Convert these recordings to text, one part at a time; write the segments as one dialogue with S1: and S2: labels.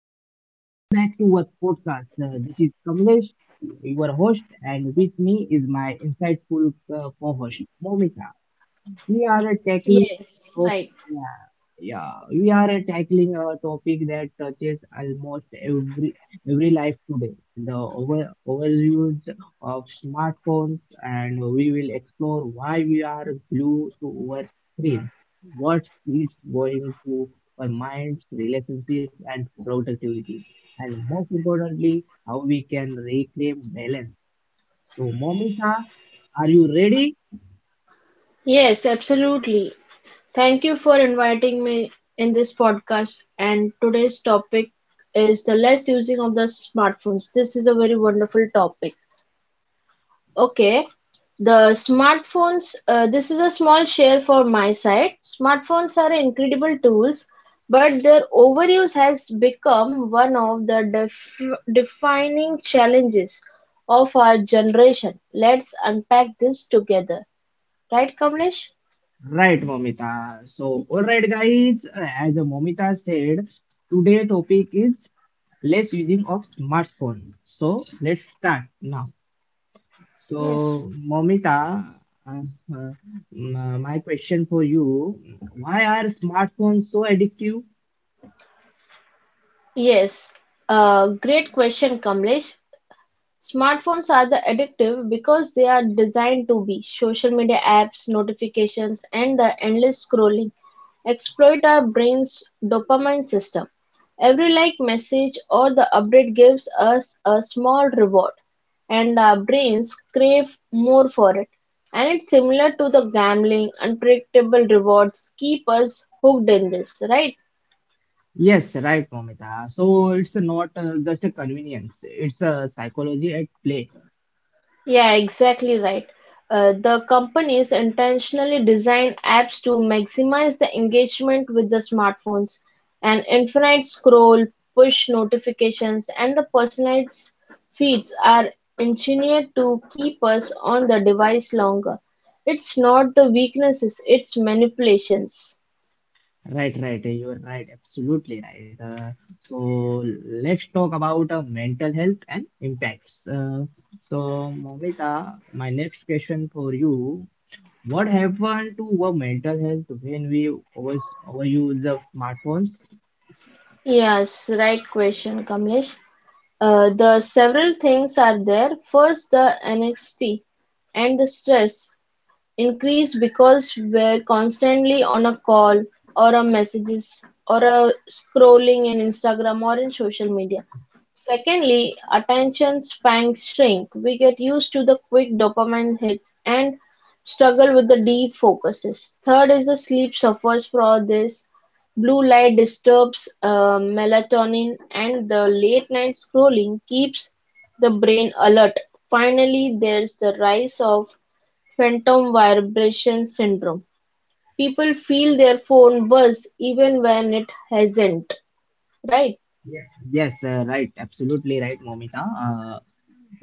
S1: everyone. Welcome back to our podcast. This is Kamlesh, your host, and with me is my insightful co-host, Momita. We are tackling
S2: Yes,
S1: top-
S2: right.
S1: yeah yeah we are tackling a topic that touches almost every life today, the overuse of smartphones. And we will explore why we are glued to our screen, what it's going to our minds, relationships, and productivity, and most importantly, how we can reclaim balance. So, Momita, are you ready?
S2: Yes, absolutely. Thank you for inviting me in this podcast. And today's topic is the less using of the smartphones. This is a very wonderful topic. Okay, the smartphones, this is a small share for my side. Smartphones are incredible tools, but their overuse has become one of the defining challenges of our generation. Let's unpack this together. Right, Kamlesh?
S1: Right, Momita. So, all right, guys, as Momita said, today topic is less using of smartphones. So, let's start now.
S2: Yes.
S1: So, Momita, uh, uh, my question for you, why are smartphones so addictive?
S2: Yes, great question, Kamlesh. Smartphones are the addictive because they are designed to be. Social media apps, notifications, and the endless scrolling exploit our brain's dopamine system. Every like message or the update gives us a small reward, and our brains crave more for it. And it's similar to the gambling, unpredictable rewards keep us hooked in this, right?
S1: Yes, right, Momita. So, it's not just a convenience, it's a psychology at play.
S2: Yeah, exactly right. The companies intentionally design apps to maximize the engagement with the smartphones. And infinite scroll, push notifications, and the personalized feeds are engineered to keep us on the device longer. It's not the weaknesses, it's manipulations.
S1: Right. You're right. Absolutely right. So let's talk about mental health and impacts. So, Momita, my next question for you: what happened to our mental health when we was overuse of smartphones?
S2: Yes, right question, Kamlesh. The several things are there. First, the anxiety and the stress increase because we're constantly on a call or a messages or a scrolling in Instagram or in social media. Secondly, attention spans shrink. We get used to the quick dopamine hits and struggle with the deep focuses. Third is the sleep suffers from this. Blue light disturbs melatonin, and the late night scrolling keeps the brain alert. Finally, there's the rise of phantom vibration syndrome. People feel their phone buzz even when it hasn't, right?
S1: Yeah. Yes, right. Absolutely right, Momita.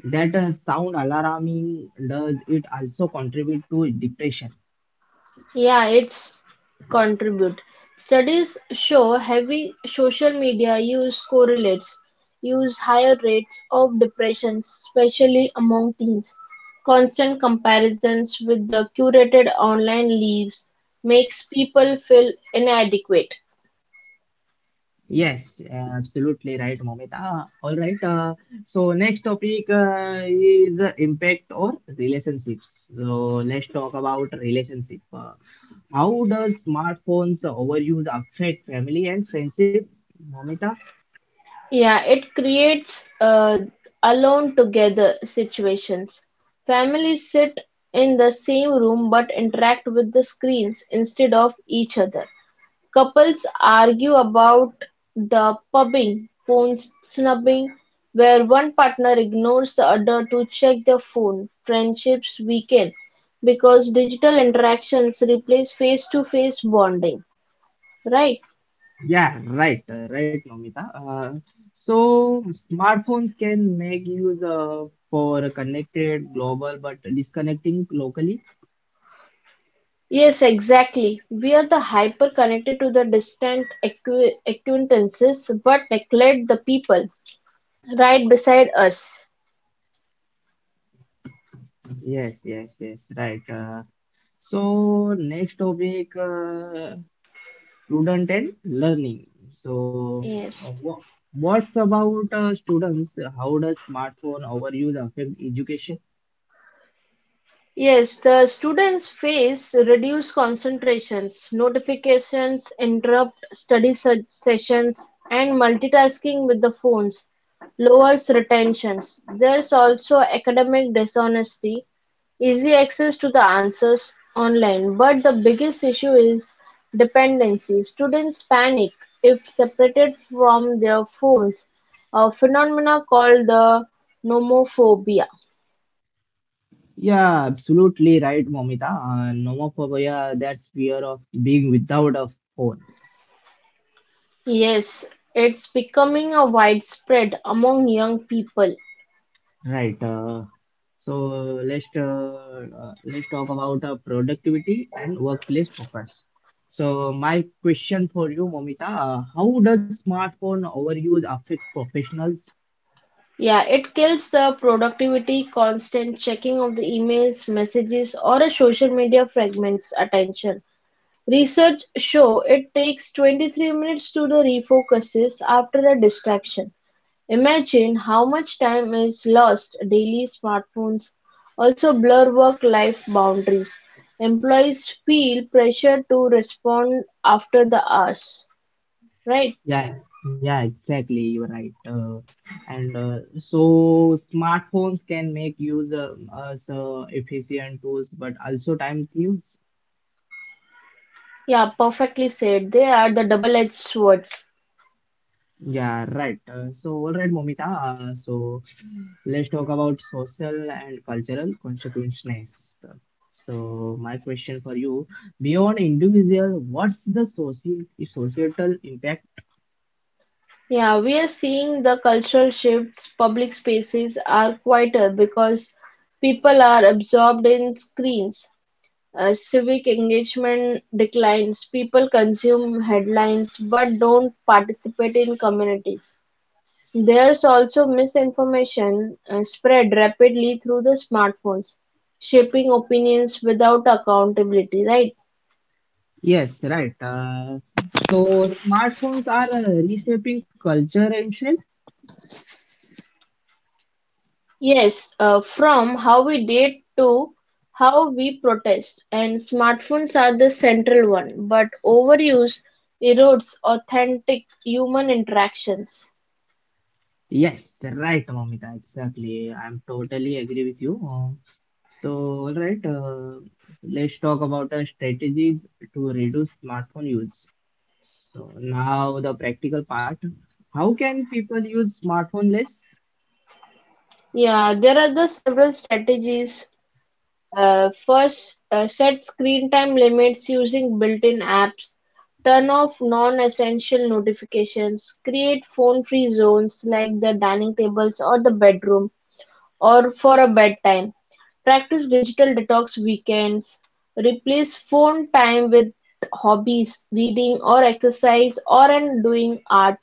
S1: That sound alarming. Does it also contribute to depression?
S2: Yeah, it's contribute. Studies show heavy social media use correlates use higher rates of depression, especially among teens. Constant comparisons with the curated online lives makes people feel inadequate.
S1: Yes, absolutely right, Momita. All right. So next topic is impact or relationships. So let's talk about relationship. How does smartphones overuse affect family and friendship, Momita?
S2: Yeah, it creates alone together situations. Families sit in the same room but interact with the screens instead of each other. Couples argue about the pubbing, phone snubbing, where one partner ignores the other to check their phone. Friendships weaken because digital interactions replace face to face bonding, right?
S1: Yeah, right, Momita. So smartphones can make use for connected global, but disconnecting locally.
S2: Yes, exactly. We are the hyper connected to the distant acquaintances but neglect the people right beside us.
S1: Yes, yes, yes, right. Uh, So next topic, student and learning. So
S2: Yes.
S1: wha- what's about students? How does smartphone overuse affect education?
S2: Yes, the students face reduced concentrations, notifications interrupt study sessions, and multitasking with the phones lowers retentions. There's also academic dishonesty, easy access to the answers online, but the biggest issue is dependency. Students panic if separated from their phones, a phenomena called the nomophobia.
S1: Yeah, absolutely right, Momita. Nomophobia, that's fear of being without a phone.
S2: Yes, it's becoming a widespread among young people.
S1: Right. So let's talk about productivity and workplace focus. So my question for you, Momita, how does smartphone overuse affect professionals?
S2: Yeah, it kills the productivity, constant checking of the emails, messages, or a social media fragments attention. Research show it takes 23 minutes to the refocuses after a distraction. Imagine how much time is lost daily smartphones also blur work life boundaries. Employees feel pressure to respond after the hours. Right.
S1: Yeah, Exactly. You're right. And so smartphones can make use as efficient tools, but also time thieves.
S2: Yeah, perfectly said. They are the double-edged swords.
S1: Yeah, right. So all right, Momita. So let's talk about social and cultural consequences. So, my question for you, beyond individual, what's the societal impact?
S2: Yeah, we are seeing the cultural shifts. Public spaces are quieter because people are absorbed in screens. Civic engagement declines. People consume headlines but don't participate in communities. There's also misinformation spread rapidly through the smartphones, shaping opinions without accountability, right?
S1: Yes, right. So, smartphones are reshaping culture and shape.
S2: Yes, from how we date to how we protest, and smartphones are the central one, but overuse erodes authentic human interactions.
S1: Yes, right, Mamita. Exactly. I'm totally agree with you. So, all right. Let's talk about the strategies to reduce smartphone use. So now the practical part. How can people use smartphone less?
S2: Yeah, there are the several strategies. First, set screen time limits using built-in apps. Turn off non-essential notifications. Create phone-free zones like the dining tables or the bedroom or for a bedtime. Practice digital detox weekends. Replace phone time with hobbies, reading or exercise or and doing art.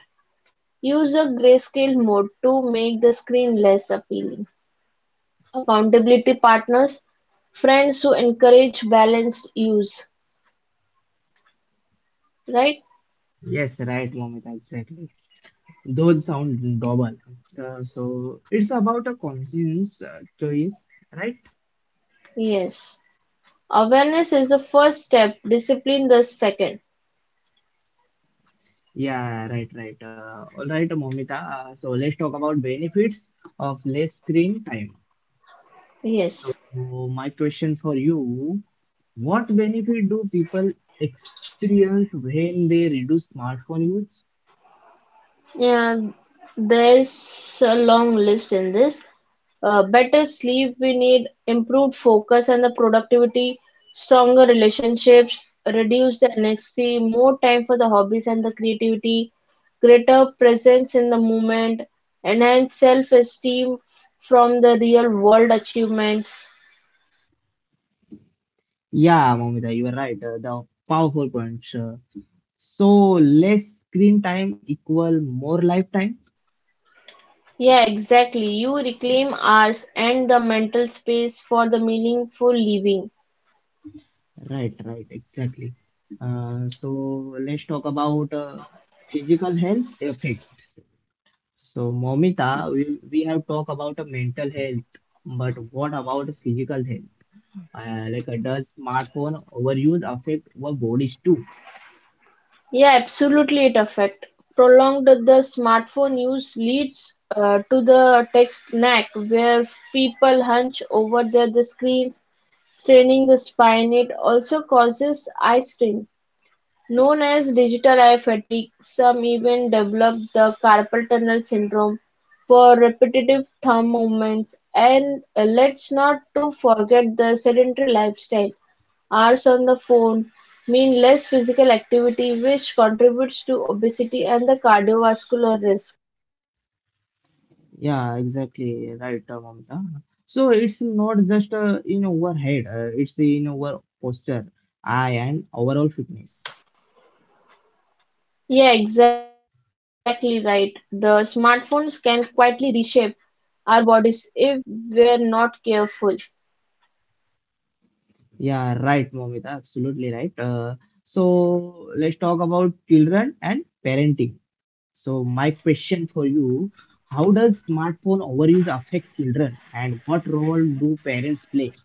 S2: Use a grayscale mode to make the screen less appealing. Accountability partners, friends who encourage balanced use, right?
S1: Yes, right, Momita, exactly. Those sound double. So it's about a conscience choice, right?
S2: Yes. Awareness is the first step, discipline the second.
S1: Yeah, right. All right, Momita. So let's talk about benefits of less screen time.
S2: Yes.
S1: So my question for you: what benefit do people experience when they reduce smartphone use?
S2: Yeah, there's a long list in this. Better sleep, we need improved focus and the productivity, stronger relationships, reduce the anxiety, more time for the hobbies and the creativity, greater presence in the moment, enhance self-esteem from the real world achievements.
S1: Yeah, Momita, you are right. The powerful points. So less screen time equal more lifetime.
S2: Yeah, exactly. You reclaim hours and the mental space for the meaningful living.
S1: Right, right, exactly. So let's talk about physical health effects. So Momita, we have talked about mental health, but what about physical health? Does smartphone overuse affect our bodies too?
S2: Yeah, absolutely it affect. Prolonged the smartphone use leads to the tech neck where people hunch over the screens, straining the spine. It also causes eye strain. Known as digital eye fatigue, some even develop the carpal tunnel syndrome for repetitive thumb movements. And let's not to forget the sedentary lifestyle. Hours on the phone mean less physical activity, which contributes to obesity and the cardiovascular risk.
S1: Yeah, exactly right, Mamita. So it's not just in our head, it's in our posture, eye, and overall fitness.
S2: Yeah, exactly right. The smartphones can quietly reshape our bodies if we're not careful.
S1: Yeah, right, Mamita, absolutely right. So let's talk about children and parenting. So my question for you, how does smartphone overuse affect children, and what role do parents play?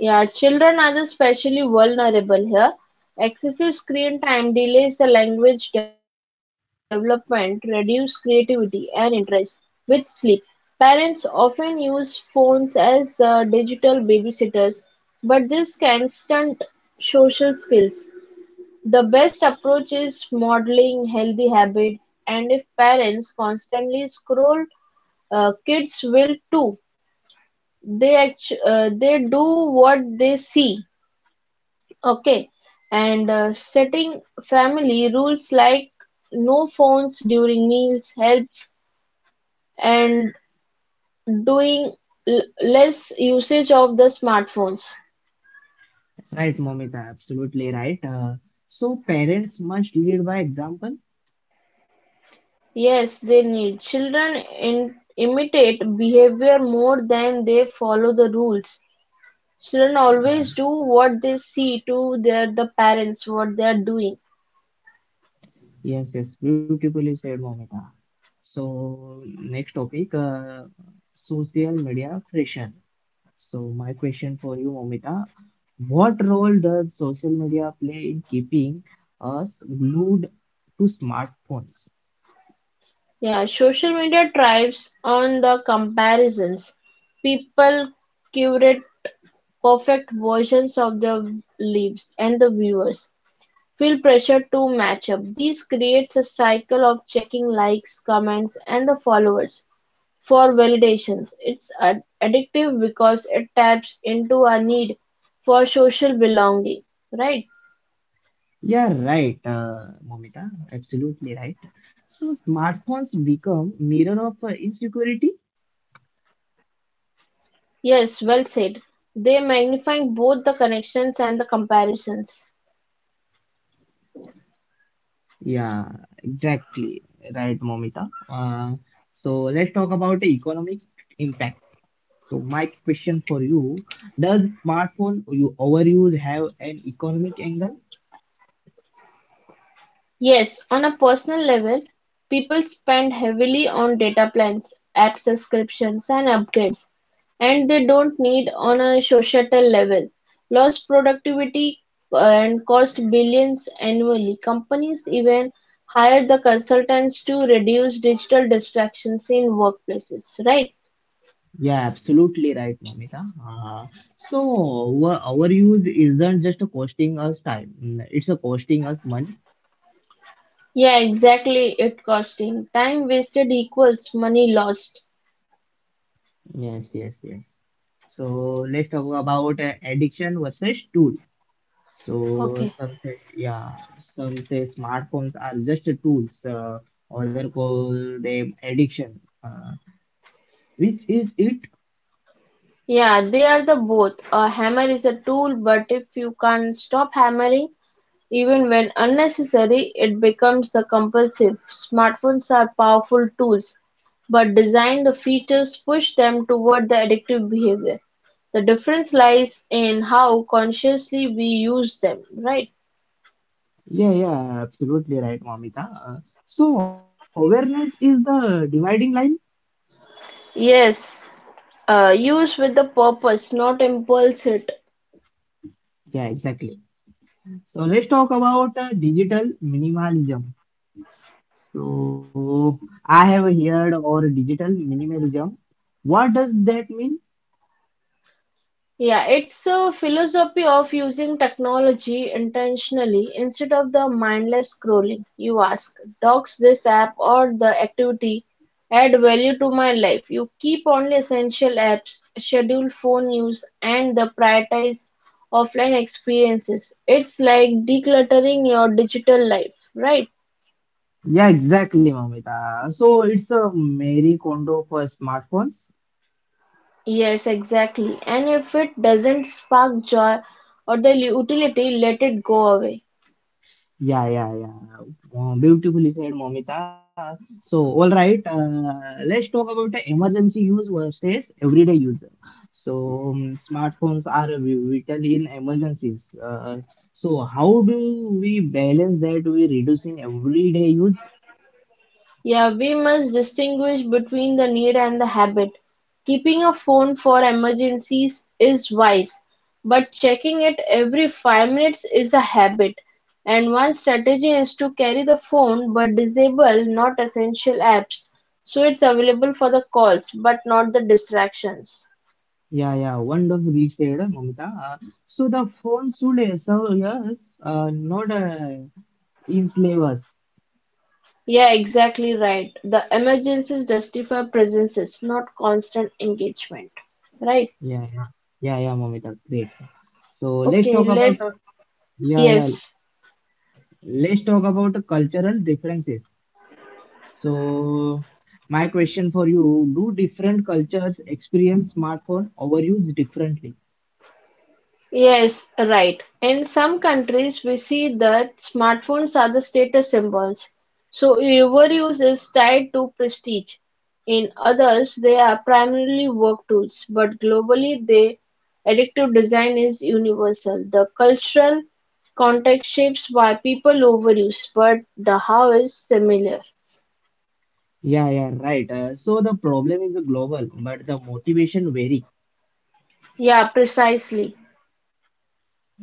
S2: Yeah, children are especially vulnerable here. Excessive screen time delays the language development, reduce creativity and interest with sleep. Parents often use phones as digital babysitters, but this can stunt social skills. The best approach is modeling healthy habits, and if parents constantly scroll, kids will too. They do what they see. Okay, and setting family rules like no phones during meals helps and doing less usage of the smartphones.
S1: Right, Mamita, absolutely right. So parents must lead by example.
S2: Yes, they need. Children imitate behavior more than they follow the rules. Children always do what they see to the parents what they are doing.
S1: Yes, yes, beautifully said, Momita. So, next topic, social media friction. So, my question for you, Momita, what role does social media play in keeping us glued to smartphones?
S2: Yeah, social media thrives on the comparisons. People curate perfect versions of the leaves, and the viewers feel pressure to match up. This creates a cycle of checking likes, comments, and the followers for validations. It's addictive because it taps into our need for social belonging, right?
S1: Yeah, right, Momita, absolutely right. So, smartphones become mirror of insecurity.
S2: Yes, well said. They magnifying both the connections and the comparisons.
S1: Yeah, exactly, right, Momita. So, let's talk about the economic impact. So my question for you, does smartphone you overuse have an economic angle?
S2: Yes, on a personal level, people spend heavily on data plans, app subscriptions, and upgrades, and they don't need on a societal level. Lost productivity and cost billions annually. Companies even hire the consultants to reduce digital distractions in workplaces, right?
S1: Yeah, absolutely right, Momita. So our overuse isn't just costing us time, it's a costing us money.
S2: Yeah, exactly. It costing time wasted equals money lost.
S1: Yes, yes, yes. So let's talk about addiction versus tool. So
S2: Okay.
S1: some say some say smartphones are just tools. Other call them addiction, uh, which is it?
S2: Yeah, they are the both. A hammer is a tool, but if you can't stop hammering, even when unnecessary, it becomes the compulsive. Smartphones are powerful tools, but design the features push them toward the addictive behavior. The difference lies in how consciously we use them, right?
S1: Yeah, Absolutely right, Momita. So awareness is the dividing line.
S2: Yes, use with the purpose, not impulse it.
S1: Yeah, exactly. So let's talk about digital minimalism. So I have heard or digital minimalism. What does that mean?
S2: Yeah, it's a philosophy of using technology intentionally instead of the mindless scrolling. You ask, does this app or the activity add value to my life? You keep only essential apps, schedule phone use, and the prioritize offline experiences. It's like decluttering your digital life, right?
S1: Yeah, exactly, Mamita. So it's a Mary Kondo for smartphones.
S2: Yes, exactly. And if it doesn't spark joy or the utility, let it go away.
S1: Yeah, yeah, yeah. Wow, beautifully said, Momita. So, all right, let's talk about the emergency use versus everyday use. So, smartphones are vital in emergencies. So, how do we balance that with reducing everyday use?
S2: Yeah, we must distinguish between the need and the habit. Keeping a phone for emergencies is wise, but checking it every 5 minutes is a habit. And one strategy is to carry the phone but disable not essential apps so it's available for the calls but not the distractions.
S1: Yeah, Wonderfully said, Momita. So, the phone should serve us, not enslave us.
S2: Yeah, exactly right. The emergencies justify presences, not constant engagement. Right?
S1: Yeah, yeah, yeah, Momita, great. So, let's
S2: Okay,
S1: talk
S2: let
S1: about yeah, yeah.
S2: yes.
S1: Let's talk about the cultural differences. So, my question for you, do different cultures experience smartphone overuse differently?
S2: Yes, right. In some countries, we see that smartphones are the status symbols, so overuse is tied to prestige. In others, they are primarily work tools, but globally, the addictive design is universal. The cultural context shapes why people overuse, but the how is similar.
S1: Yeah, Right. So the problem is global, but the motivation vary.
S2: Yeah, precisely.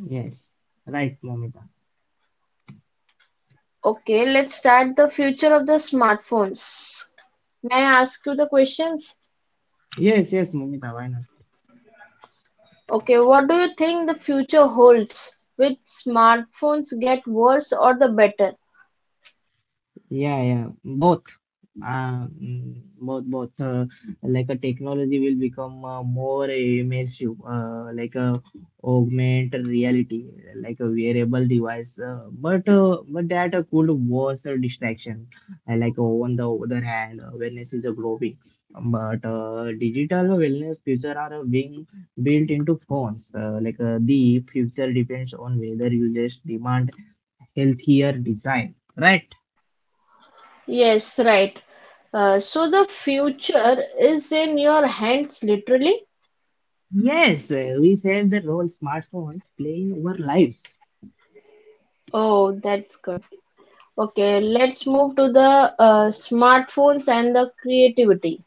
S1: Yes, right, Momita.
S2: Okay, let's start the future of the smartphones. May I ask you the questions?
S1: Yes, yes, Momita, why not?
S2: Okay, what do you think the future holds? Will smartphones get worse or the better?
S1: Yeah, Both. Both, both. Like a technology will become more immersive, like a augment reality, like a wearable device. But that could worse a distraction. Like on the other hand, wellness is a growing. But digital wellness future are being built into phones. The future depends on whether users demand healthier design, right?
S2: Yes, right. So the future is in your hands, literally.
S1: Yes, we said the role smartphones play in our lives.
S2: Oh, that's good. Okay, let's move to the smartphones and the creativity.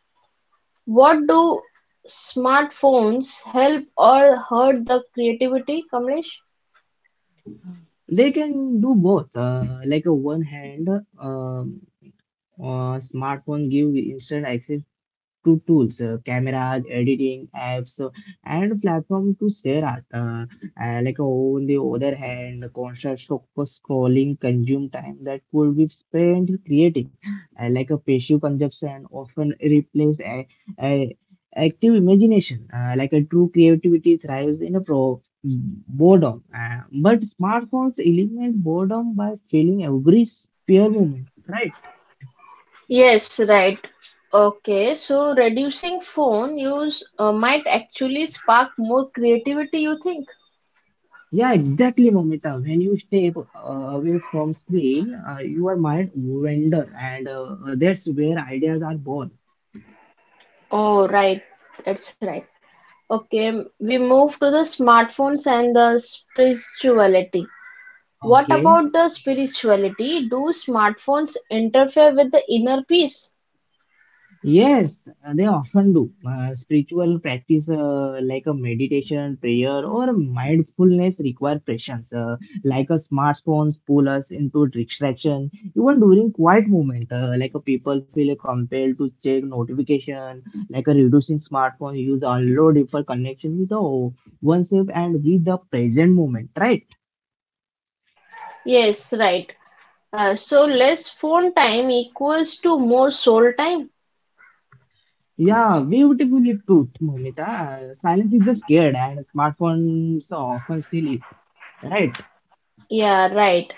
S2: What do smartphones help or hurt the creativity, Kamlesh?
S1: They can do both. Like a one hand, smartphone give instant access to tools, cameras, editing apps, and platform to share art. Like on the other hand, constant scrolling consume time that could be spent creating, like a passive consumption often replaced a active imagination. Like a true creativity thrives in a pro boredom. But smartphones eliminate boredom by filling every spare moment, right?
S2: Yes, right. Okay, so reducing phone use might actually spark more creativity, you think?
S1: Yeah, exactly, Momita. When you step away from screen, your mind wander, and that's where ideas are born.
S2: Oh, right. That's right. Okay, we move to the smartphones and the spirituality. What
S1: Okay.
S2: about the spirituality? Do smartphones interfere with the inner peace?
S1: Yes, they often do. Spiritual practice like a meditation, prayer, or mindfulness require patience. Like a smartphones pull us into distraction. Even during quiet moment, like a people feel compelled to check notification, like a reducing smartphone use unload for connection with the oneself and with the present moment, right?
S2: Yes, right. So less phone time equals to more soul time?
S1: Yeah, beautifully put, Momita. Silence is just scared, and smartphones often steal it. Right.
S2: Yeah, right.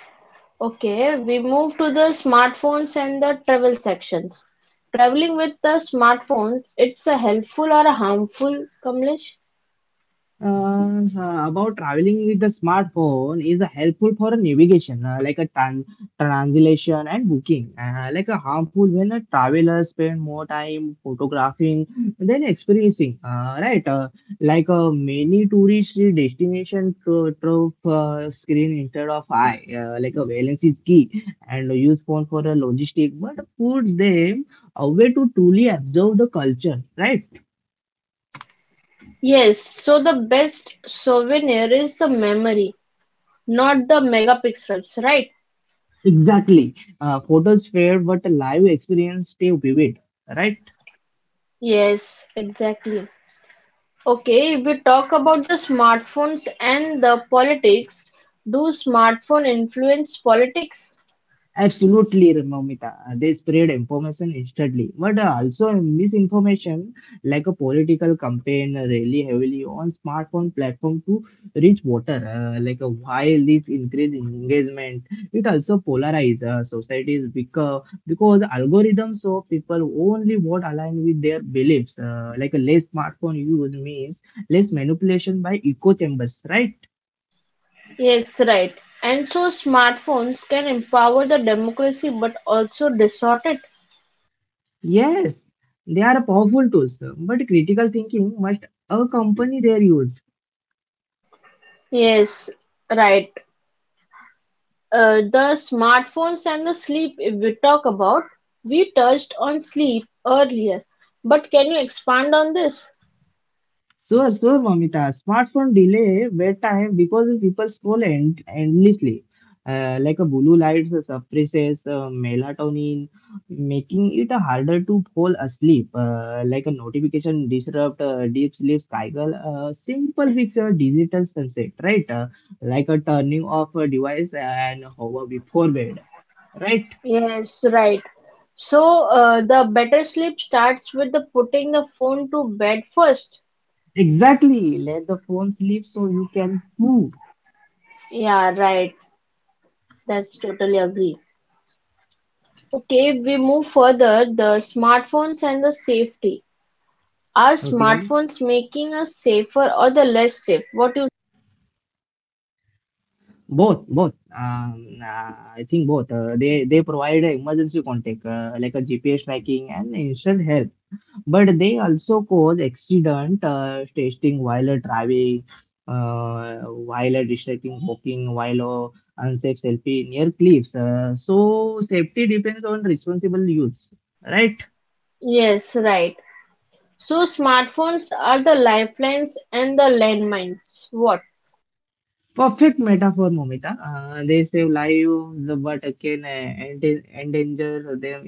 S2: Okay, we move to the smartphones and the travel sections. Traveling with the smartphones, it's a helpful or a harmful, Kamlesh?
S1: So about traveling with the smartphone is helpful for a navigation, like a translation and booking. Like a harmful when a traveler spend more time photographing than experiencing. Right, like many tourist destination through screen instead of eye. Like a balance is key, and use phone for a logistic, but put them away to truly observe the culture. Right.
S2: Yes, so the best souvenir is the memory, not the megapixels, right?
S1: Exactly. Photos fade, but live experience stay vivid, right?
S2: Yes, exactly. Okay, if we talk about the smartphones and the politics, do smartphone influence politics?
S1: Absolutely, Mamita. They spread information instantly, but also misinformation like a political campaign really heavily on smartphone platform to reach voter. While this increase in engagement, it also polarize societies because algorithms show people only what align with their beliefs. Like a less smartphone use means less manipulation by echo chambers, right?
S2: Yes, right. And so smartphones can empower the democracy but also distort it.
S1: Yes, they are powerful tools, but critical thinking must accompany their use.
S2: Yes, right. The smartphones and the sleep, if we talk about, we touched on sleep earlier, but can you expand on this?
S1: Sure, sure, Mamita, smartphone delay bedtime because people scroll endlessly. Like a blue light suppresses melatonin, making it harder to fall asleep. Like a notification disrupt deep sleep cycle. Simple fix a digital sunset, right? Like a turning off a device and hover before bed, right?
S2: Yes, right. So, the better sleep starts with the putting the phone to bed first.
S1: Exactly. Let the phone sleep so you can move.
S2: Yeah, right. That's totally agree. Okay, if we move further, the smartphones and the safety. Are
S1: Okay.
S2: smartphones making us safer or the less safe? What you
S1: Both, both. Um, uh, I think both. They provide a emergency contact like a GPS tracking and instant help, but they also cause accident, testing while driving, uh, while distracting walking, while unsafe selfie near cliffs. So safety depends on responsible use, right?
S2: Yes, right. So smartphones are the lifelines and the landmines. What?
S1: Perfect metaphor, Momita. They save lives, but again, endanger them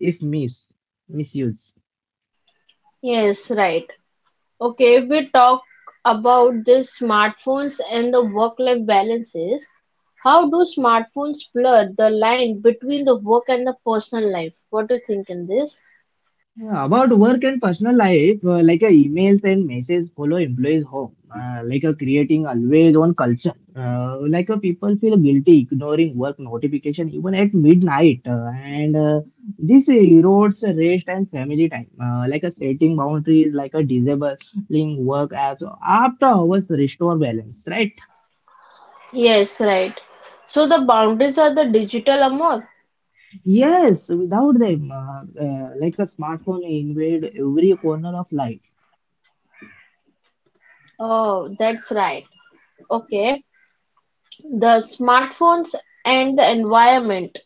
S1: if misuse.
S2: Yes, right. Okay, if we talk about the smartphones and the work-life balances. How do smartphones blur the line between the work and the personal life? What do you think in this?
S1: Yeah, about work and personal life, emails and messages follow employees home, creating always on culture. People feel guilty ignoring work notification even at midnight, and this erodes rest and family time. Setting boundaries, like a disabling work apps after hours restore balance, right?
S2: Yes, right. So the boundaries are the digital amor.
S1: Yes, without them, like a smartphone invade every corner of life.
S2: Oh, that's right. Okay. The smartphones and the environment.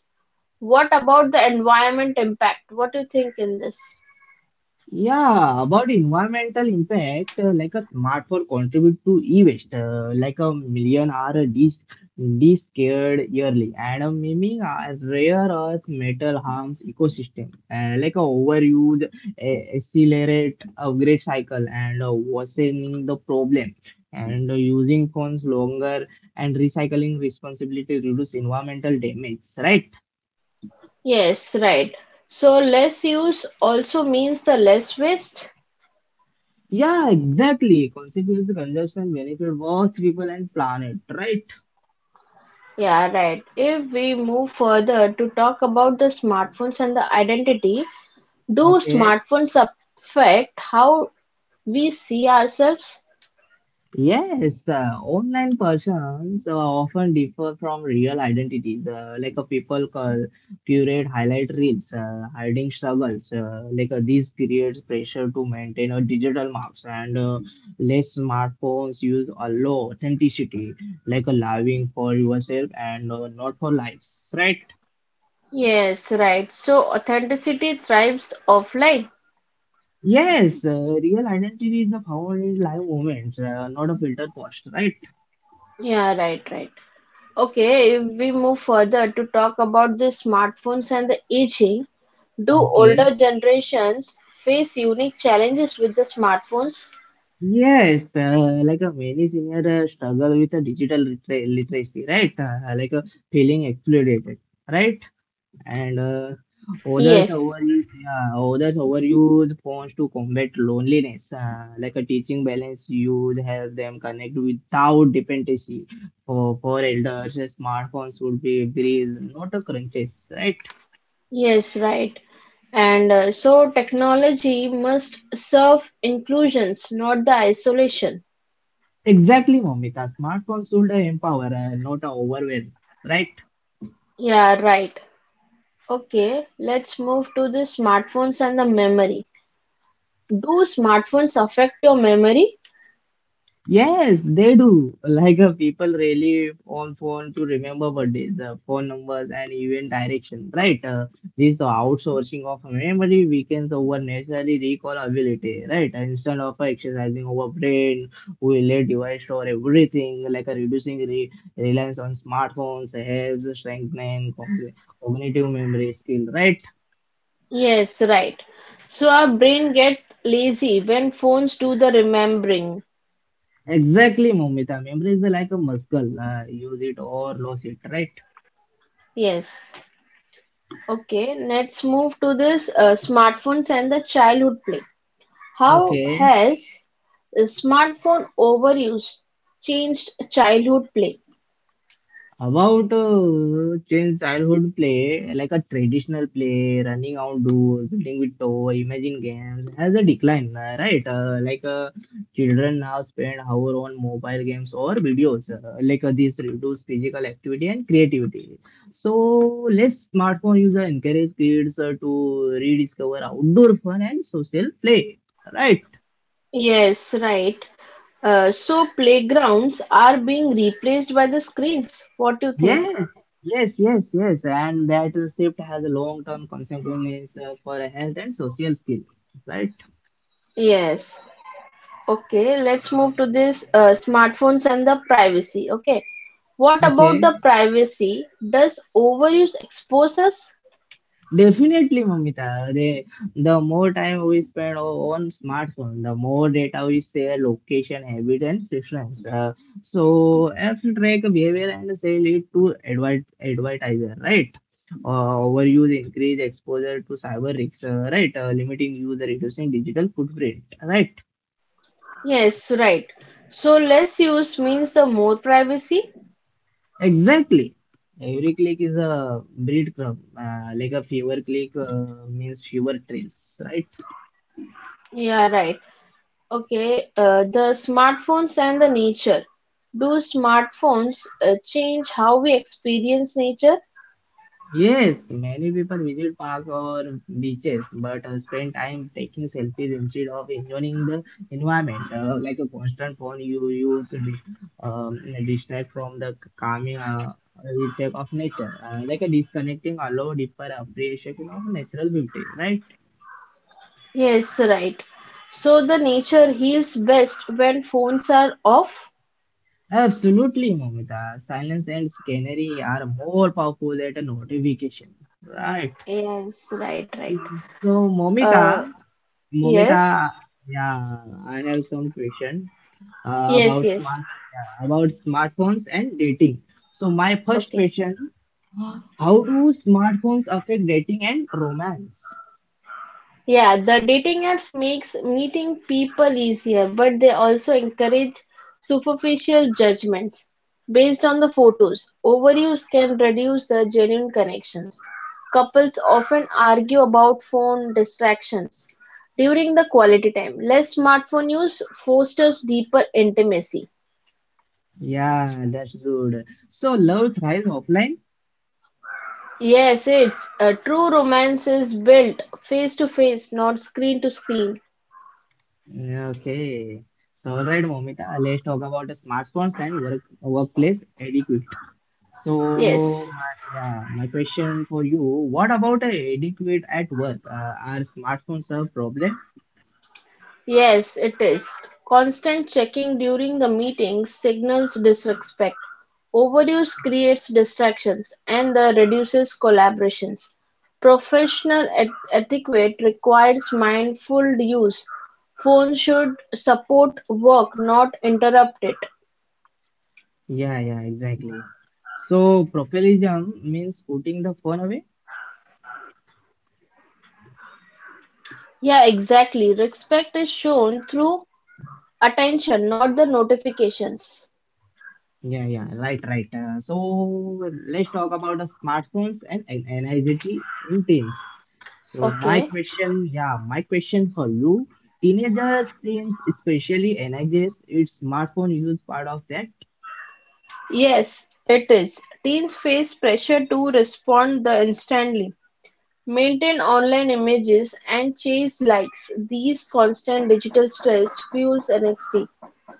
S2: What about the environment impact? What do you think in this?
S1: Yeah, about environmental impact, like a smartphone contribute to e-waste, like a million are discarded yearly, and miming rare earth metal harms ecosystem, like a overuse accelerate upgrade cycle and worsening the problem, and using phones longer and recycling responsibility reduce environmental damage, right?
S2: Yes, right. So less use also means the less waste.
S1: Yeah, exactly. Consequence to consumption benefit both people and planet, right?
S2: Yeah, right. If we move further to talk about the smartphones and the identity, do
S1: Okay.
S2: smartphones affect how we see ourselves?
S1: Yes, online persons often differ from real identities. Like a people call, curate highlight reels, hiding struggles. This creates pressure to maintain a digital marks and less smartphones use a low authenticity, like a living for yourself and not for likes, right?
S2: Yes, right. So authenticity thrives offline.
S1: Yes, real identity is a powerful live moment, not a filter post, right?
S2: Yeah, right, right. Okay, if we move further to talk about the smartphones and the aging, do
S1: Okay.
S2: older generations face unique challenges with the smartphones?
S1: Yes, like a many senior struggle with a digital literacy, right? Like a feeling excluded, right? And others
S2: Yes.
S1: overuse, yeah, others overuse phones to combat loneliness. Like a teaching balance, you would have them connect without dependency. For elders, smartphones would be a breeze, not a crunches, right?
S2: Yes, right. And So technology must serve inclusions, not the isolation.
S1: Exactly, Momita. Smartphones should empower, not overwhelm, right?
S2: Yeah, right. Okay, let's move to the smartphones and the memory. Do smartphones affect your memory?
S1: Yes, they do. People really on phone to remember birthdays, phone numbers, and even direction, right? This outsourcing of memory weakens over necessary recall ability, right? Instead of exercising our brain, we let device store everything, reducing re reliance on smartphones helps strengthen cognitive memory skill, right?
S2: Yes, right. So our brain get lazy when phones do the remembering.
S1: Exactly, Momita. Memory is like a muscle. Use it or lose it, right?
S2: Yes. Okay, let's move to this smartphones and the childhood play. How
S1: Okay.
S2: has the smartphone overuse changed childhood play?
S1: About change childhood play, like a traditional play, running outdoors, building with toy, imagine games, has a decline, right? Children now spend hour on mobile games or videos. This reduce physical activity and creativity. So less smartphone user encourage kids to rediscover outdoor fun and social play, right?
S2: Yes, right. So playgrounds are being replaced by the screens. What do you think?
S1: Yes, yes, yes, yes. And that shift has a long-term consequences for health and social skill, right?
S2: Yes. Okay, let's move to this smartphones and the privacy. Okay. What about the
S1: Okay.
S2: privacy? Does overuse expose us?
S1: Definitely, Mamita. The more time we spend on smartphone, the more data we share, location, habit, and preference. So, apps track behavior and sell it to advertiser, right? Overuse increase exposure to cyber risks, right? Limiting user, reducing digital footprint, right?
S2: Yes, right. So less use means the more privacy.
S1: Exactly. Every click is a breadcrumb, like a fewer click means fewer trails, right?
S2: Yeah, right. Okay, the smartphones and the nature. Do smartphones change how we experience nature?
S1: Yes, many people visit park or beaches, but spend time taking selfies instead of enjoying the environment. Like a constant phone, you use to distract from the calming effect of nature. Like a disconnecting allow deeper appreciation of natural beauty, right?
S2: Yes, right. So the nature heals best when phones are off.
S1: Absolutely, Momita. Silence and scenery are more powerful than a notification. Right.
S2: Yes, right, right.
S1: So, Momita,
S2: Uh, yes,
S1: Momita, yeah, I have some question uh,
S2: yes,
S1: about
S2: yes.
S1: smart yeah, about smartphones and dating. So, my first
S2: Okay.
S1: question: How do smartphones affect dating and romance?
S2: Yeah, the dating apps makes meeting people easier, but they also encourage superficial judgments based on the photos. Overuse can reduce the genuine connections. Couples often argue about phone distractions during the quality time. Less smartphone use fosters deeper intimacy.
S1: Yeah, that's good. So, love thrives offline.
S2: Yes, it's a true romance is built face to face, not screen to screen.
S1: Yeah, okay. So, all right, Momita, let's talk about the smartphones and workplace etiquette.
S2: Yes.
S1: So, my question for you, what about etiquette at work? Are smartphones a problem?
S2: Yes, it is. Constant checking during the meeting signals disrespect. Overuse creates distractions and the reduces collaborations. Professional etiquette requires mindful use. Phone should support work, not interrupt it.
S1: Yeah, yeah, exactly. So, professionalism means putting the phone away.
S2: Yeah, exactly. Respect is shown through attention, not the notifications.
S1: Yeah, yeah, right, right. So, let's talk about the smartphones and anxiety in teams. So my
S2: Okay.
S1: question, yeah, my question for you, teenagers seems especially energized. Is smartphone use part of that?
S2: Yes, it is. Teens face pressure to respond the instantly, maintain online images, and chase likes. These constant digital stress fuels anxiety.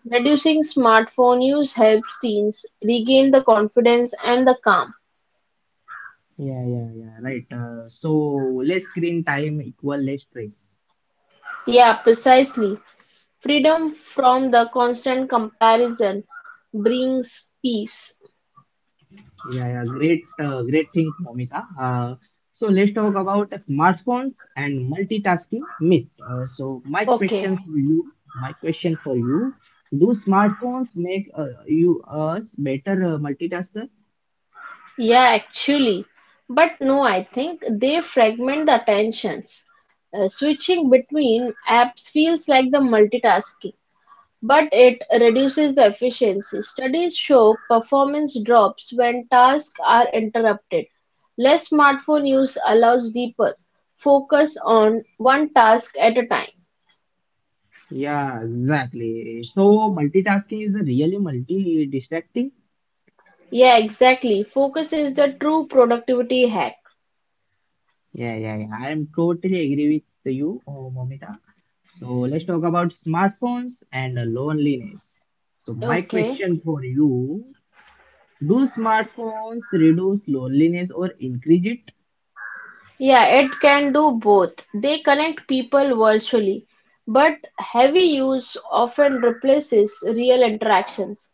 S2: Reducing smartphone use helps teens regain the confidence and the calm.
S1: Yeah, yeah, yeah. Right. So less screen time equal less stress.
S2: Yeah, precisely. Freedom from the constant comparison brings peace.
S1: Yeah, yeah. Great, great thing, Momita. So let's talk about the smartphones and multitasking myth. Uh, so my
S2: Okay.
S1: question for you, my question for you, do smartphones make you us better multitaskers?
S2: Yeah, actually. But no, I think they fragment the attentions. Switching between apps feels like the multitasking, but it reduces the efficiency. Studies show performance drops when tasks are interrupted. Less smartphone use allows deeper focus on one task at a time.
S1: Yeah, exactly. So multitasking is really multi-distracting.
S2: Yeah, exactly. Focus is the true productivity hack.
S1: Yeah, yeah, yeah. I am totally agree with you, oh, Momita. So let's talk about smartphones and loneliness. So my
S2: Okay.
S1: question for you, do smartphones reduce loneliness or increase it?
S2: Yeah, it can do both. They connect people virtually, but heavy use often replaces real interactions.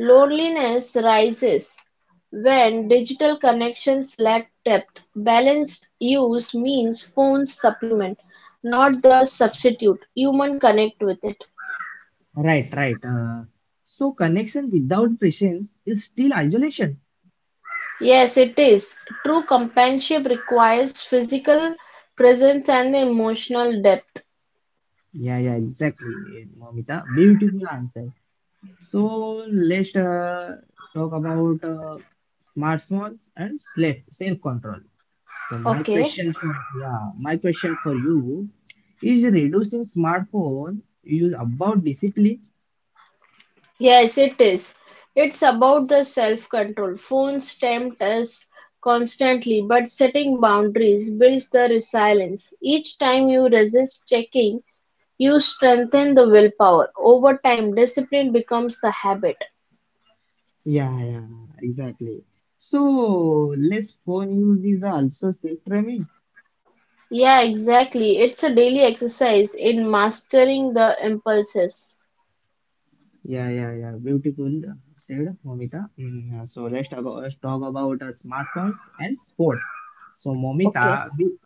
S2: Loneliness rises when digital connections lack depth. Balanced use means phones supplement, not the substitute. Human connect with it.
S1: Right, right. So connection without presence is still isolation.
S2: Yes, it is. True companionship requires physical presence and emotional depth.
S1: Yeah, yeah, exactly, Momita. Beautiful answer. So let's talk about smartphones and self control. So my
S2: Okay.
S1: question for yeah, my question for you is reducing smartphone use about discipline?
S2: Yes, it is. It's about the self control. Phones tempt us constantly, but setting boundaries builds the resilience. Each time you resist checking, you strengthen the willpower. Over time, discipline becomes the habit.
S1: Yeah, yeah, exactly. So less phone use is also self training.
S2: Yeah, exactly. It's a daily exercise in mastering the impulses.
S1: Yeah, yeah, yeah. Beautiful said, Momita. Mm, let's talk about smartphones and sports. So
S2: Okay.
S1: Momita, do.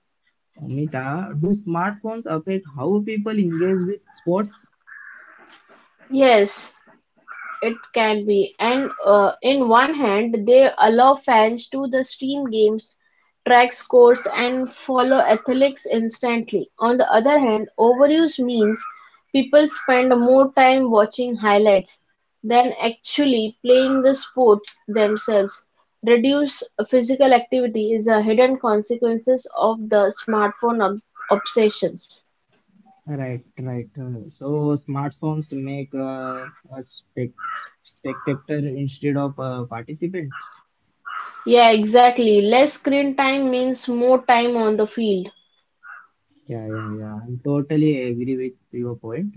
S1: Mita, do smartphones affect how people engage with sports?
S2: Yes, it can be, and in one hand, they allow fans to the stream games, track scores, and follow athletics instantly. On the other hand, overuse means people spend more time watching highlights than actually playing the sports themselves. Reduce physical activity is a hidden consequences of the smartphone obsessions.
S1: Right, right. So smartphones make a spectator instead of participants.
S2: Yeah, exactly. Less screen time means more time on the field.
S1: Yeah, yeah, yeah. I totally agree with your point.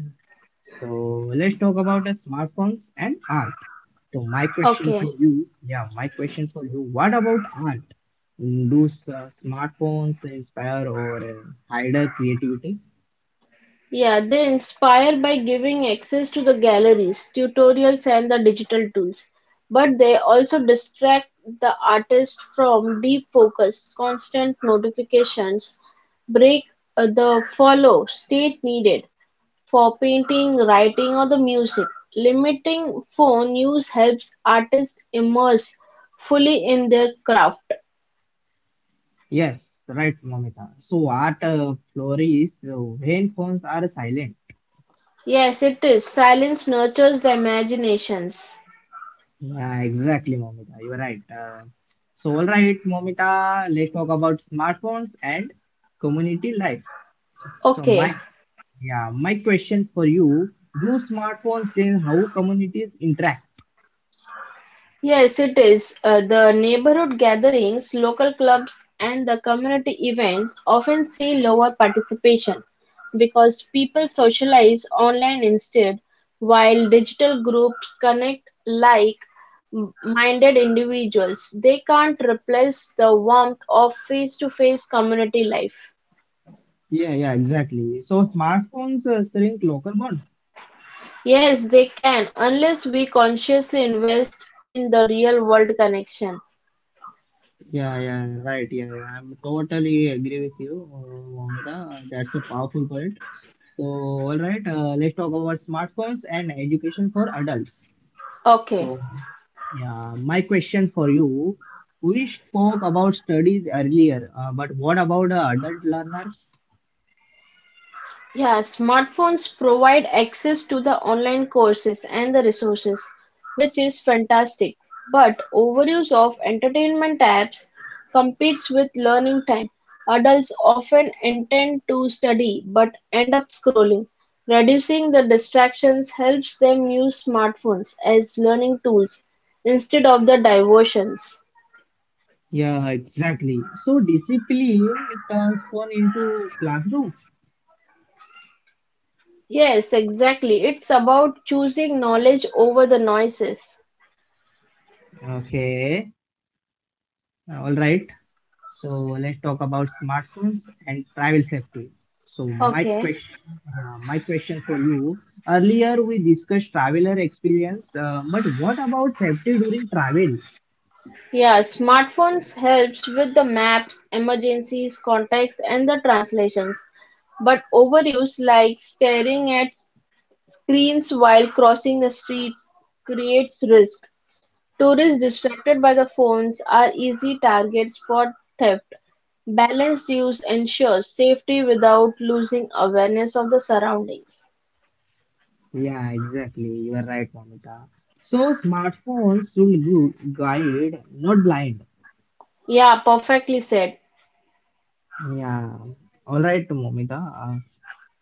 S1: So let's talk about the smartphones and art. So my question
S2: Okay.
S1: for you, yeah, my question for you. What about art? Mm, do smartphones inspire or hinder creativity?
S2: Yeah, they inspire by giving access to the galleries, tutorials, and the digital tools. But they also distract the artist from deep focus, constant notifications, break the follow state needed for painting, writing, or the music. Limiting phone use helps artists immerse fully in their craft.
S1: Yes, right, Momita. So art flourishes when phones are silent.
S2: Yes, it is. Silence nurtures the imaginations.
S1: Yeah, exactly, Momita. You're right. So all right, Momita. Let's talk about smartphones and community life. So
S2: Okay.
S1: my yeah, my question for you: Do smartphones change how communities interact?
S2: Yes, it is. The neighborhood gatherings, local clubs, and the community events often see lower participation because people socialize online instead, while digital groups connect like minded individuals. They can't replace the warmth of face to face community life.
S1: Yeah, yeah, exactly. So smartphones shrink local bond.
S2: Yes, they can, unless we consciously invest in the real world connection.
S1: Yeah, yeah, right. Yeah, yeah. I'm totally agree with you, Momita. That's a powerful point. So, all right, let's talk about smartphones and education for adults.
S2: Okay.
S1: So, yeah, my question for you, we spoke about studies earlier, but what about adult learners?
S2: Yeah, smartphones provide access to the online courses and the resources, which is fantastic. But overuse of entertainment apps competes with learning time. Adults often intend to study but end up scrolling. Reducing the distractions helps them use smartphones as learning tools instead of the diversions.
S1: Yeah, exactly. So, discipline transform into classroom.
S2: Yes, exactly. It's about choosing knowledge over the noises.
S1: Okay, all right. So let's talk about smartphones and travel safety. So my
S2: Okay.
S1: question, yeah, my question for you. Earlier we discussed traveler experience, but what about safety during travel?
S2: Yeah, smartphones helps with the maps, emergencies, contacts and the translations. But overuse like staring at screens while crossing the streets creates risk. Tourists distracted by the phones are easy targets for theft. Balanced use ensures safety without losing awareness of the surroundings.
S1: Yeah, exactly. You are right, Mamita. So smartphones should guide, not blind.
S2: Yeah, perfectly said.
S1: Yeah. All right, Momita.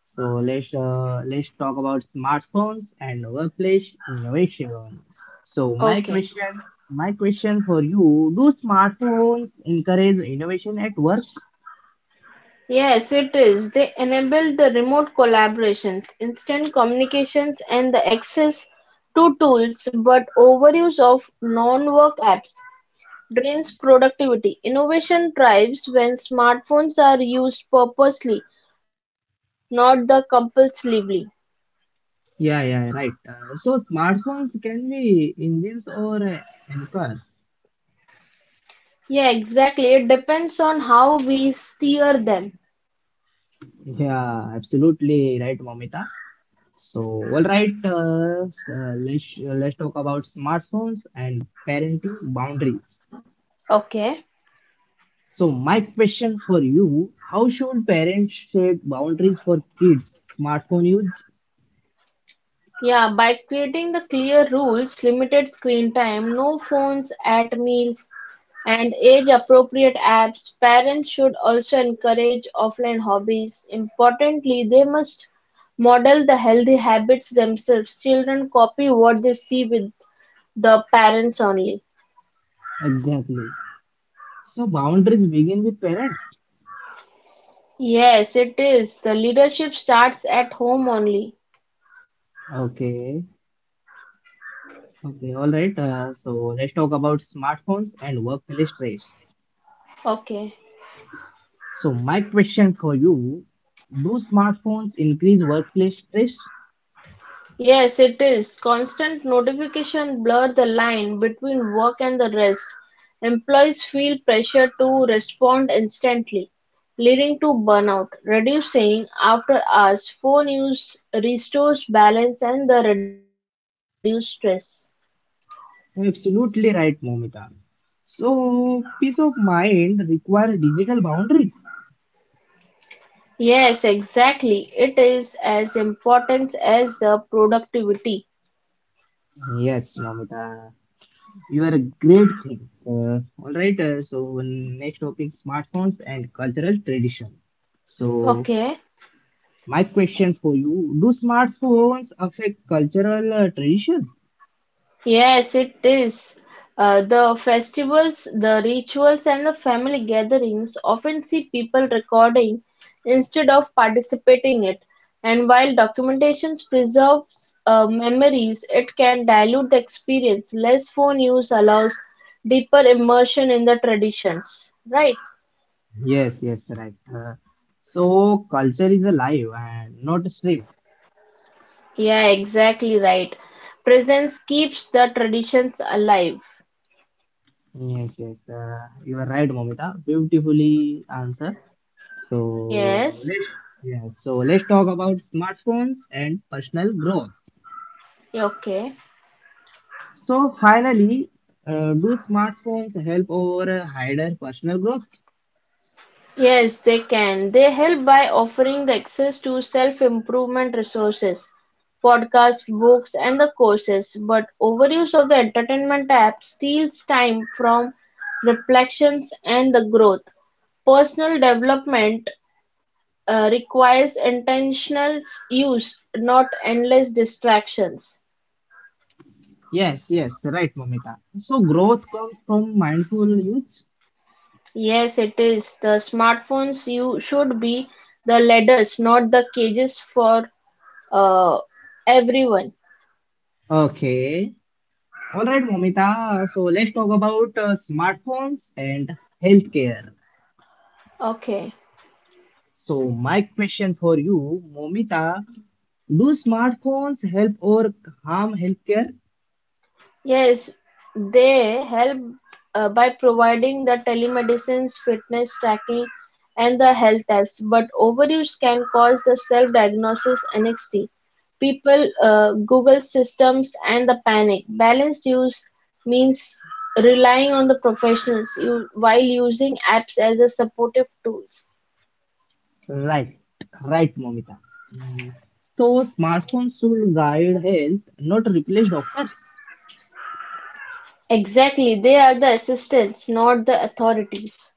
S1: So let's talk about smartphones and workplace innovation. So my
S2: Okay.
S1: question, my question for you: Do smartphones encourage innovation at work?
S2: Yes, it is. They enable the remote collaborations, instant communications, and the access to tools, but overuse of non work apps drains productivity. Innovation thrives when smartphones are used purposely, not the compulsively.
S1: Yeah, yeah, right. So smartphones can be engines or anchors.
S2: Yeah, exactly. It depends on how we steer them.
S1: Yeah, absolutely right, Momita. So, all right, let's talk about smartphones and parenting boundaries.
S2: Okay.
S1: So my question for you, how should parents set boundaries for kids smartphone use?
S2: Yeah, by creating the clear rules, limited screen time, no phones at meals, and age appropriate apps, parents should also encourage offline hobbies. Importantly, they must model the healthy habits themselves. Children copy what they see with the parents only.
S1: Exactly. So boundaries begin with parents.
S2: Yes, it is. The leadership starts at home only.
S1: Okay. Okay. All right. So let's talk about smartphones and workplace stress.
S2: Okay.
S1: So my question for you, do smartphones increase workplace stress?
S2: Yes, it is. Constant notification blur the line between work and the rest. Employees feel pressure to respond instantly, leading to burnout. Reducing after hours phone use restores balance and the reduced stress.
S1: Absolutely right, Momita. So peace of mind require digital boundaries.
S2: Yes, exactly. It is as important as the productivity.
S1: Yes, Momita. You are a great thing. Mm, all right, so next topic, smartphones and cultural tradition. So,
S2: Okay.
S1: my question for you, do smartphones affect cultural tradition?
S2: Yes, it is. The festivals, the rituals, and the family gatherings often see people recording instead of participating it. And while documentations preserves memories, it can dilute the experience. Less phone use allows deeper immersion in the traditions. Right?
S1: Yes, yes, right. So, culture is alive and not a stream.
S2: Yeah, exactly right. Presence keeps the traditions alive.
S1: Yes, yes, you are right, Momita. Beautifully answered. So,
S2: Yes.
S1: let's, yeah, so let's talk about smartphones and personal growth.
S2: Yeah, okay.
S1: So finally, do smartphones help or hinder personal growth?
S2: Yes, they can. They help by offering the access to self-improvement resources, podcasts, books, and the courses. But overuse of the entertainment app steals time from reflections and the growth. Personal development requires intentional use, not endless distractions.
S1: Yes, yes, right, Momita. So growth comes from mindful use.
S2: Yes, it is. The smartphones you should be the ladders, not the cages for uh, everyone.
S1: Okay. All right, Momita. So let's talk about smartphones and healthcare.
S2: Okay.
S1: So my question for you, Momita, do smartphones help or harm healthcare?
S2: Yes, they help by providing the telemedicines, fitness tracking, and the health apps. But overuse can cause the self-diagnosis NXT. People Google systems and the panic. Balanced use means relying on the professionals you, while using apps as a supportive tools.
S1: Right, right, Momita. Mm. So smartphones should guide health, not replace doctors.
S2: Exactly, they are the assistants, not the authorities.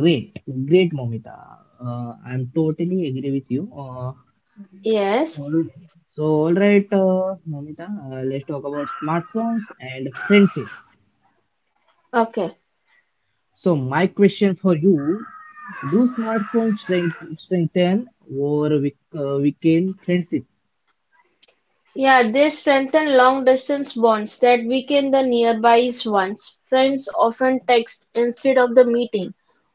S1: Great, great, Momita. I'm totally agree with you.
S2: Yes.
S1: All, so, all right, Momita, let's talk about smartphones and friendship.
S2: Okay.
S1: So, my question for you: Do smartphones strengthen or weaken friendship?
S2: Yeah, they strengthen long distance bonds that weaken the nearby ones. Friends often text instead of the meeting.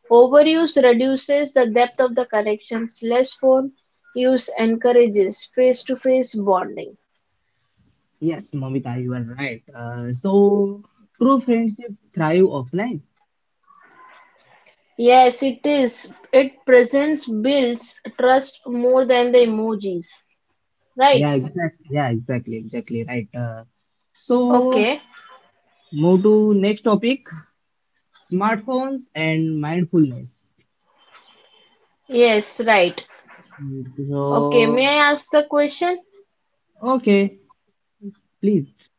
S2: Overuse reduces the depth of the connections. Less phone use encourages face to face bonding.
S1: Yes, Momita, you are right. So, true friendship thrive offline.
S2: Yes, it is. It presents builds trust more than the emojis. Right?
S1: Yeah, exactly. Yeah, exactly, exactly right. So,
S2: Okay.
S1: move to next topic, smartphones and mindfulness.
S2: Yes, right. Okay, may
S1: So,
S2: I ask the question?
S1: okay, please.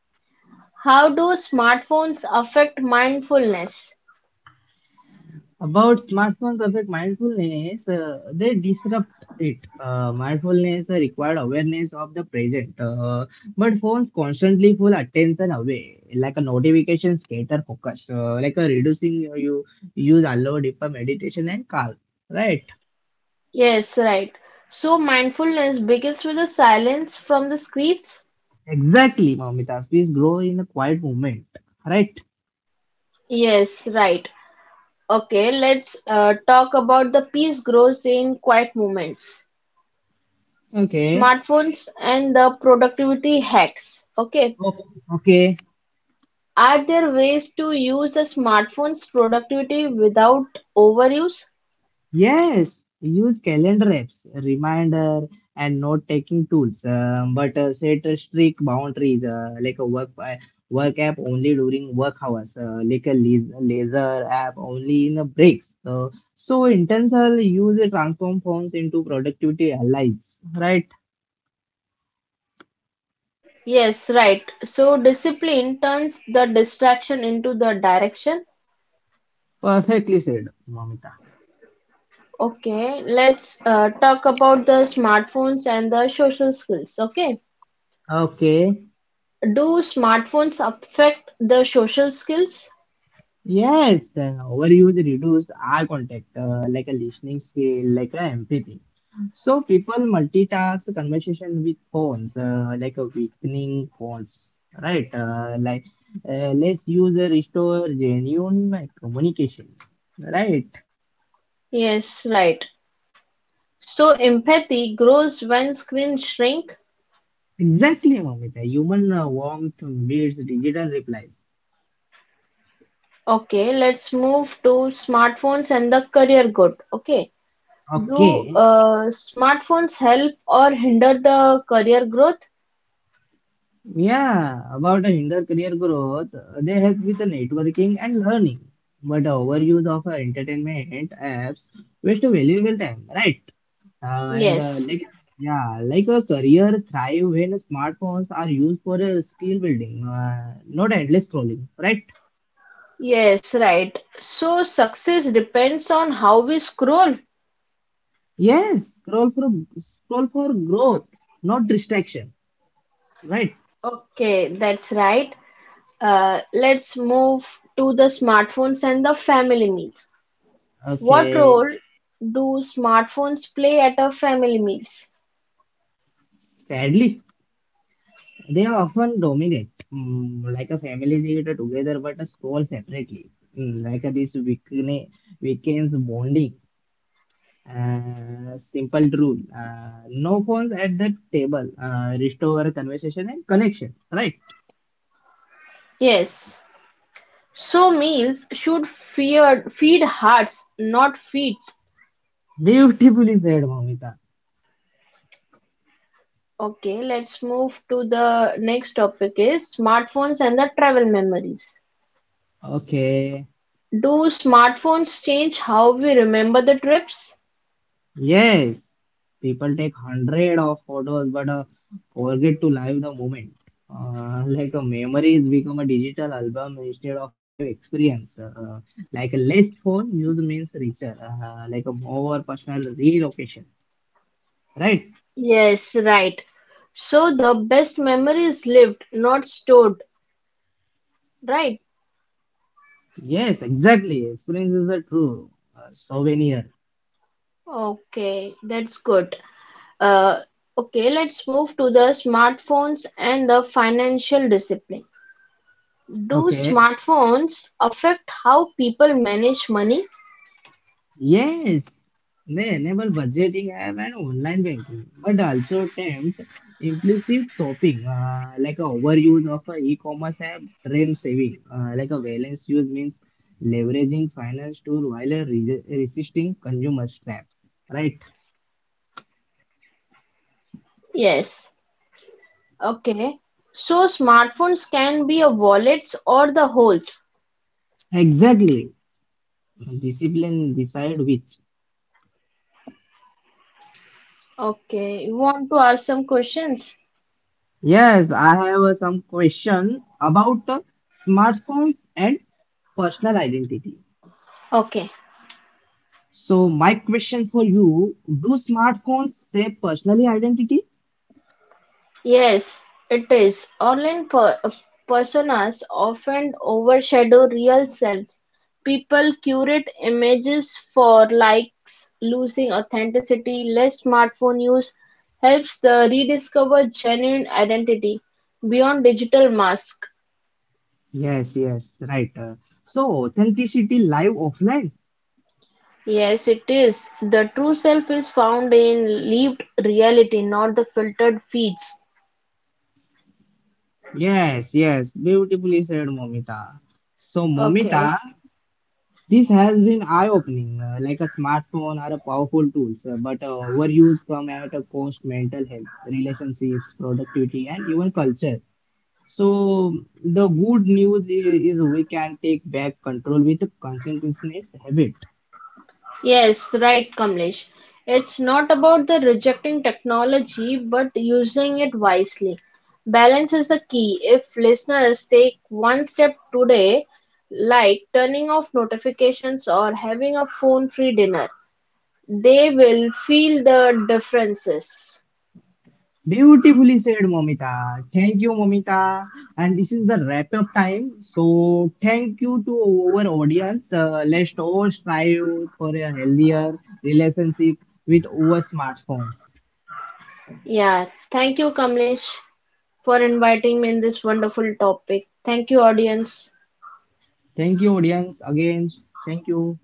S2: How do smartphones affect mindfulness?
S1: About smartphones affect mindfulness, they disrupt it. Mindfulness required awareness of the present, but phones constantly pull attention away, like a notification scatter focus, like a reducing you use allow deeper meditation and calm. Right?
S2: Yes, right. So mindfulness begins with the silence from the screens?
S1: Exactly, Mamita. Please grow in a quiet moment. Right?
S2: Yes, right. Okay, let's talk about the peace grows in quiet moments.
S1: Okay.
S2: Smartphones and the productivity hacks. Okay,
S1: Okay. Okay.
S2: are there ways to use the smartphones productivity without overuse?
S1: Yes, use calendar apps, reminder, and note taking tools, but set a strict boundaries like a work app only during work hours, like a laser app only in the breaks. So intentional use transform phones into productivity allies. Right?
S2: Yes, right. So discipline turns the distraction into the direction.
S1: Perfectly said, Mamita.
S2: Okay, let's talk about the smartphones and the social skills. Okay,
S1: Okay.
S2: do smartphones affect the social skills?
S1: Yes, overuse reduce eye contact, like a listening skill, like a empathy. So people multitask conversation with phones, like a weakening phones, right? Let's use restore genuine communication, right?
S2: Yes, right. So empathy grows when screens shrink.
S1: Exactly, Mamita. Human warmth beats digital replies.
S2: Okay, let's move to smartphones and the career growth. Okay, do
S1: Okay.
S2: smartphones help or hinder the career growth?
S1: Yeah, about a hinder career growth, they help with the networking and learning. But the overuse of entertainment apps waste a valuable time, right? Uh, and uh,
S2: Yes,
S1: like yeah, like a career thrive when smartphones are used for skill building, not endless scrolling, right?
S2: yes, right. So success depends on how we scroll.
S1: Yes, scroll for growth, not distraction, right?
S2: Okay, that's right. Let's move to the smartphones and the family meals. What role
S1: Okay,
S2: do smartphones play at a family meals?
S1: sadly. They often dominate, mm, like a family theater together but a score separately. Mm, like a, this weekend's bonding. Simple rule. No phones at the table. Restore conversation and connection. Right?
S2: Yes. So meals should feed hearts, not feeds.
S1: Beautifully said, Mamita.
S2: Okay, let's move to the next topic is smartphones and the travel memories.
S1: Okay.
S2: Do smartphones change how we remember the trips?
S1: Yes, people take hundred of photos but forget to live the moment. Like a memory is become a digital album instead of a live experience. Like a less phone use means richer. Like a more personal relocation. Right?
S2: Yes, right. So the best memory is lived, not stored, right?
S1: Yes, exactly. Experience is the true souvenir.
S2: Okay, that's good. Uh, okay, let's move to the smartphones and the financial discipline. Do
S1: Okay.
S2: smartphones affect how people manage money?
S1: Yes, they enable budgeting app and online banking, but also tempt impulsive shopping, like a overuse of a e-commerce app drain saving, like a balance use means leveraging finance tool while a resisting consumer trap. Right?
S2: Yes. Okay. So smartphones can be a wallets or the holes.
S1: Exactly. Discipline decide which.
S2: Okay, you want to ask some questions?
S1: Yes, I have some question about the smartphones and personal identity.
S2: Okay.
S1: So, my question for you, do smartphones save personal identity?
S2: Yes, it is. Online personas often overshadow real selves. People curate images for likes, losing authenticity. Less smartphone use helps the rediscover genuine identity beyond digital mask.
S1: Yes, yes, right. So, authenticity live offline?
S2: Yes, it is. The true self is found in lived reality, not the filtered feeds.
S1: Yes, yes, beautifully said, Momita. So,
S2: Okay.
S1: Momita, this has been eye opening. Like a smartphone are a powerful tools, but overuse come at a cost mental health, relationships, productivity, and even culture. So, the good news is we can take back control with a consequences habit.
S2: Yes, right, Kamlesh. It's not about the rejecting technology but using it wisely. Balance is the key. If listeners take one step today, like turning off notifications or having a phone-free dinner, they will feel the differences.
S1: Beautifully said, Momita. Thank you, Momita. And this is the wrap up time. So, thank you to our audience. Let's all strive for a healthier relationship with our smartphones.
S2: Yeah, thank you, Kamlesh, for inviting me in this wonderful topic. Thank you, audience.
S1: Thank you, audience. Again, thank you.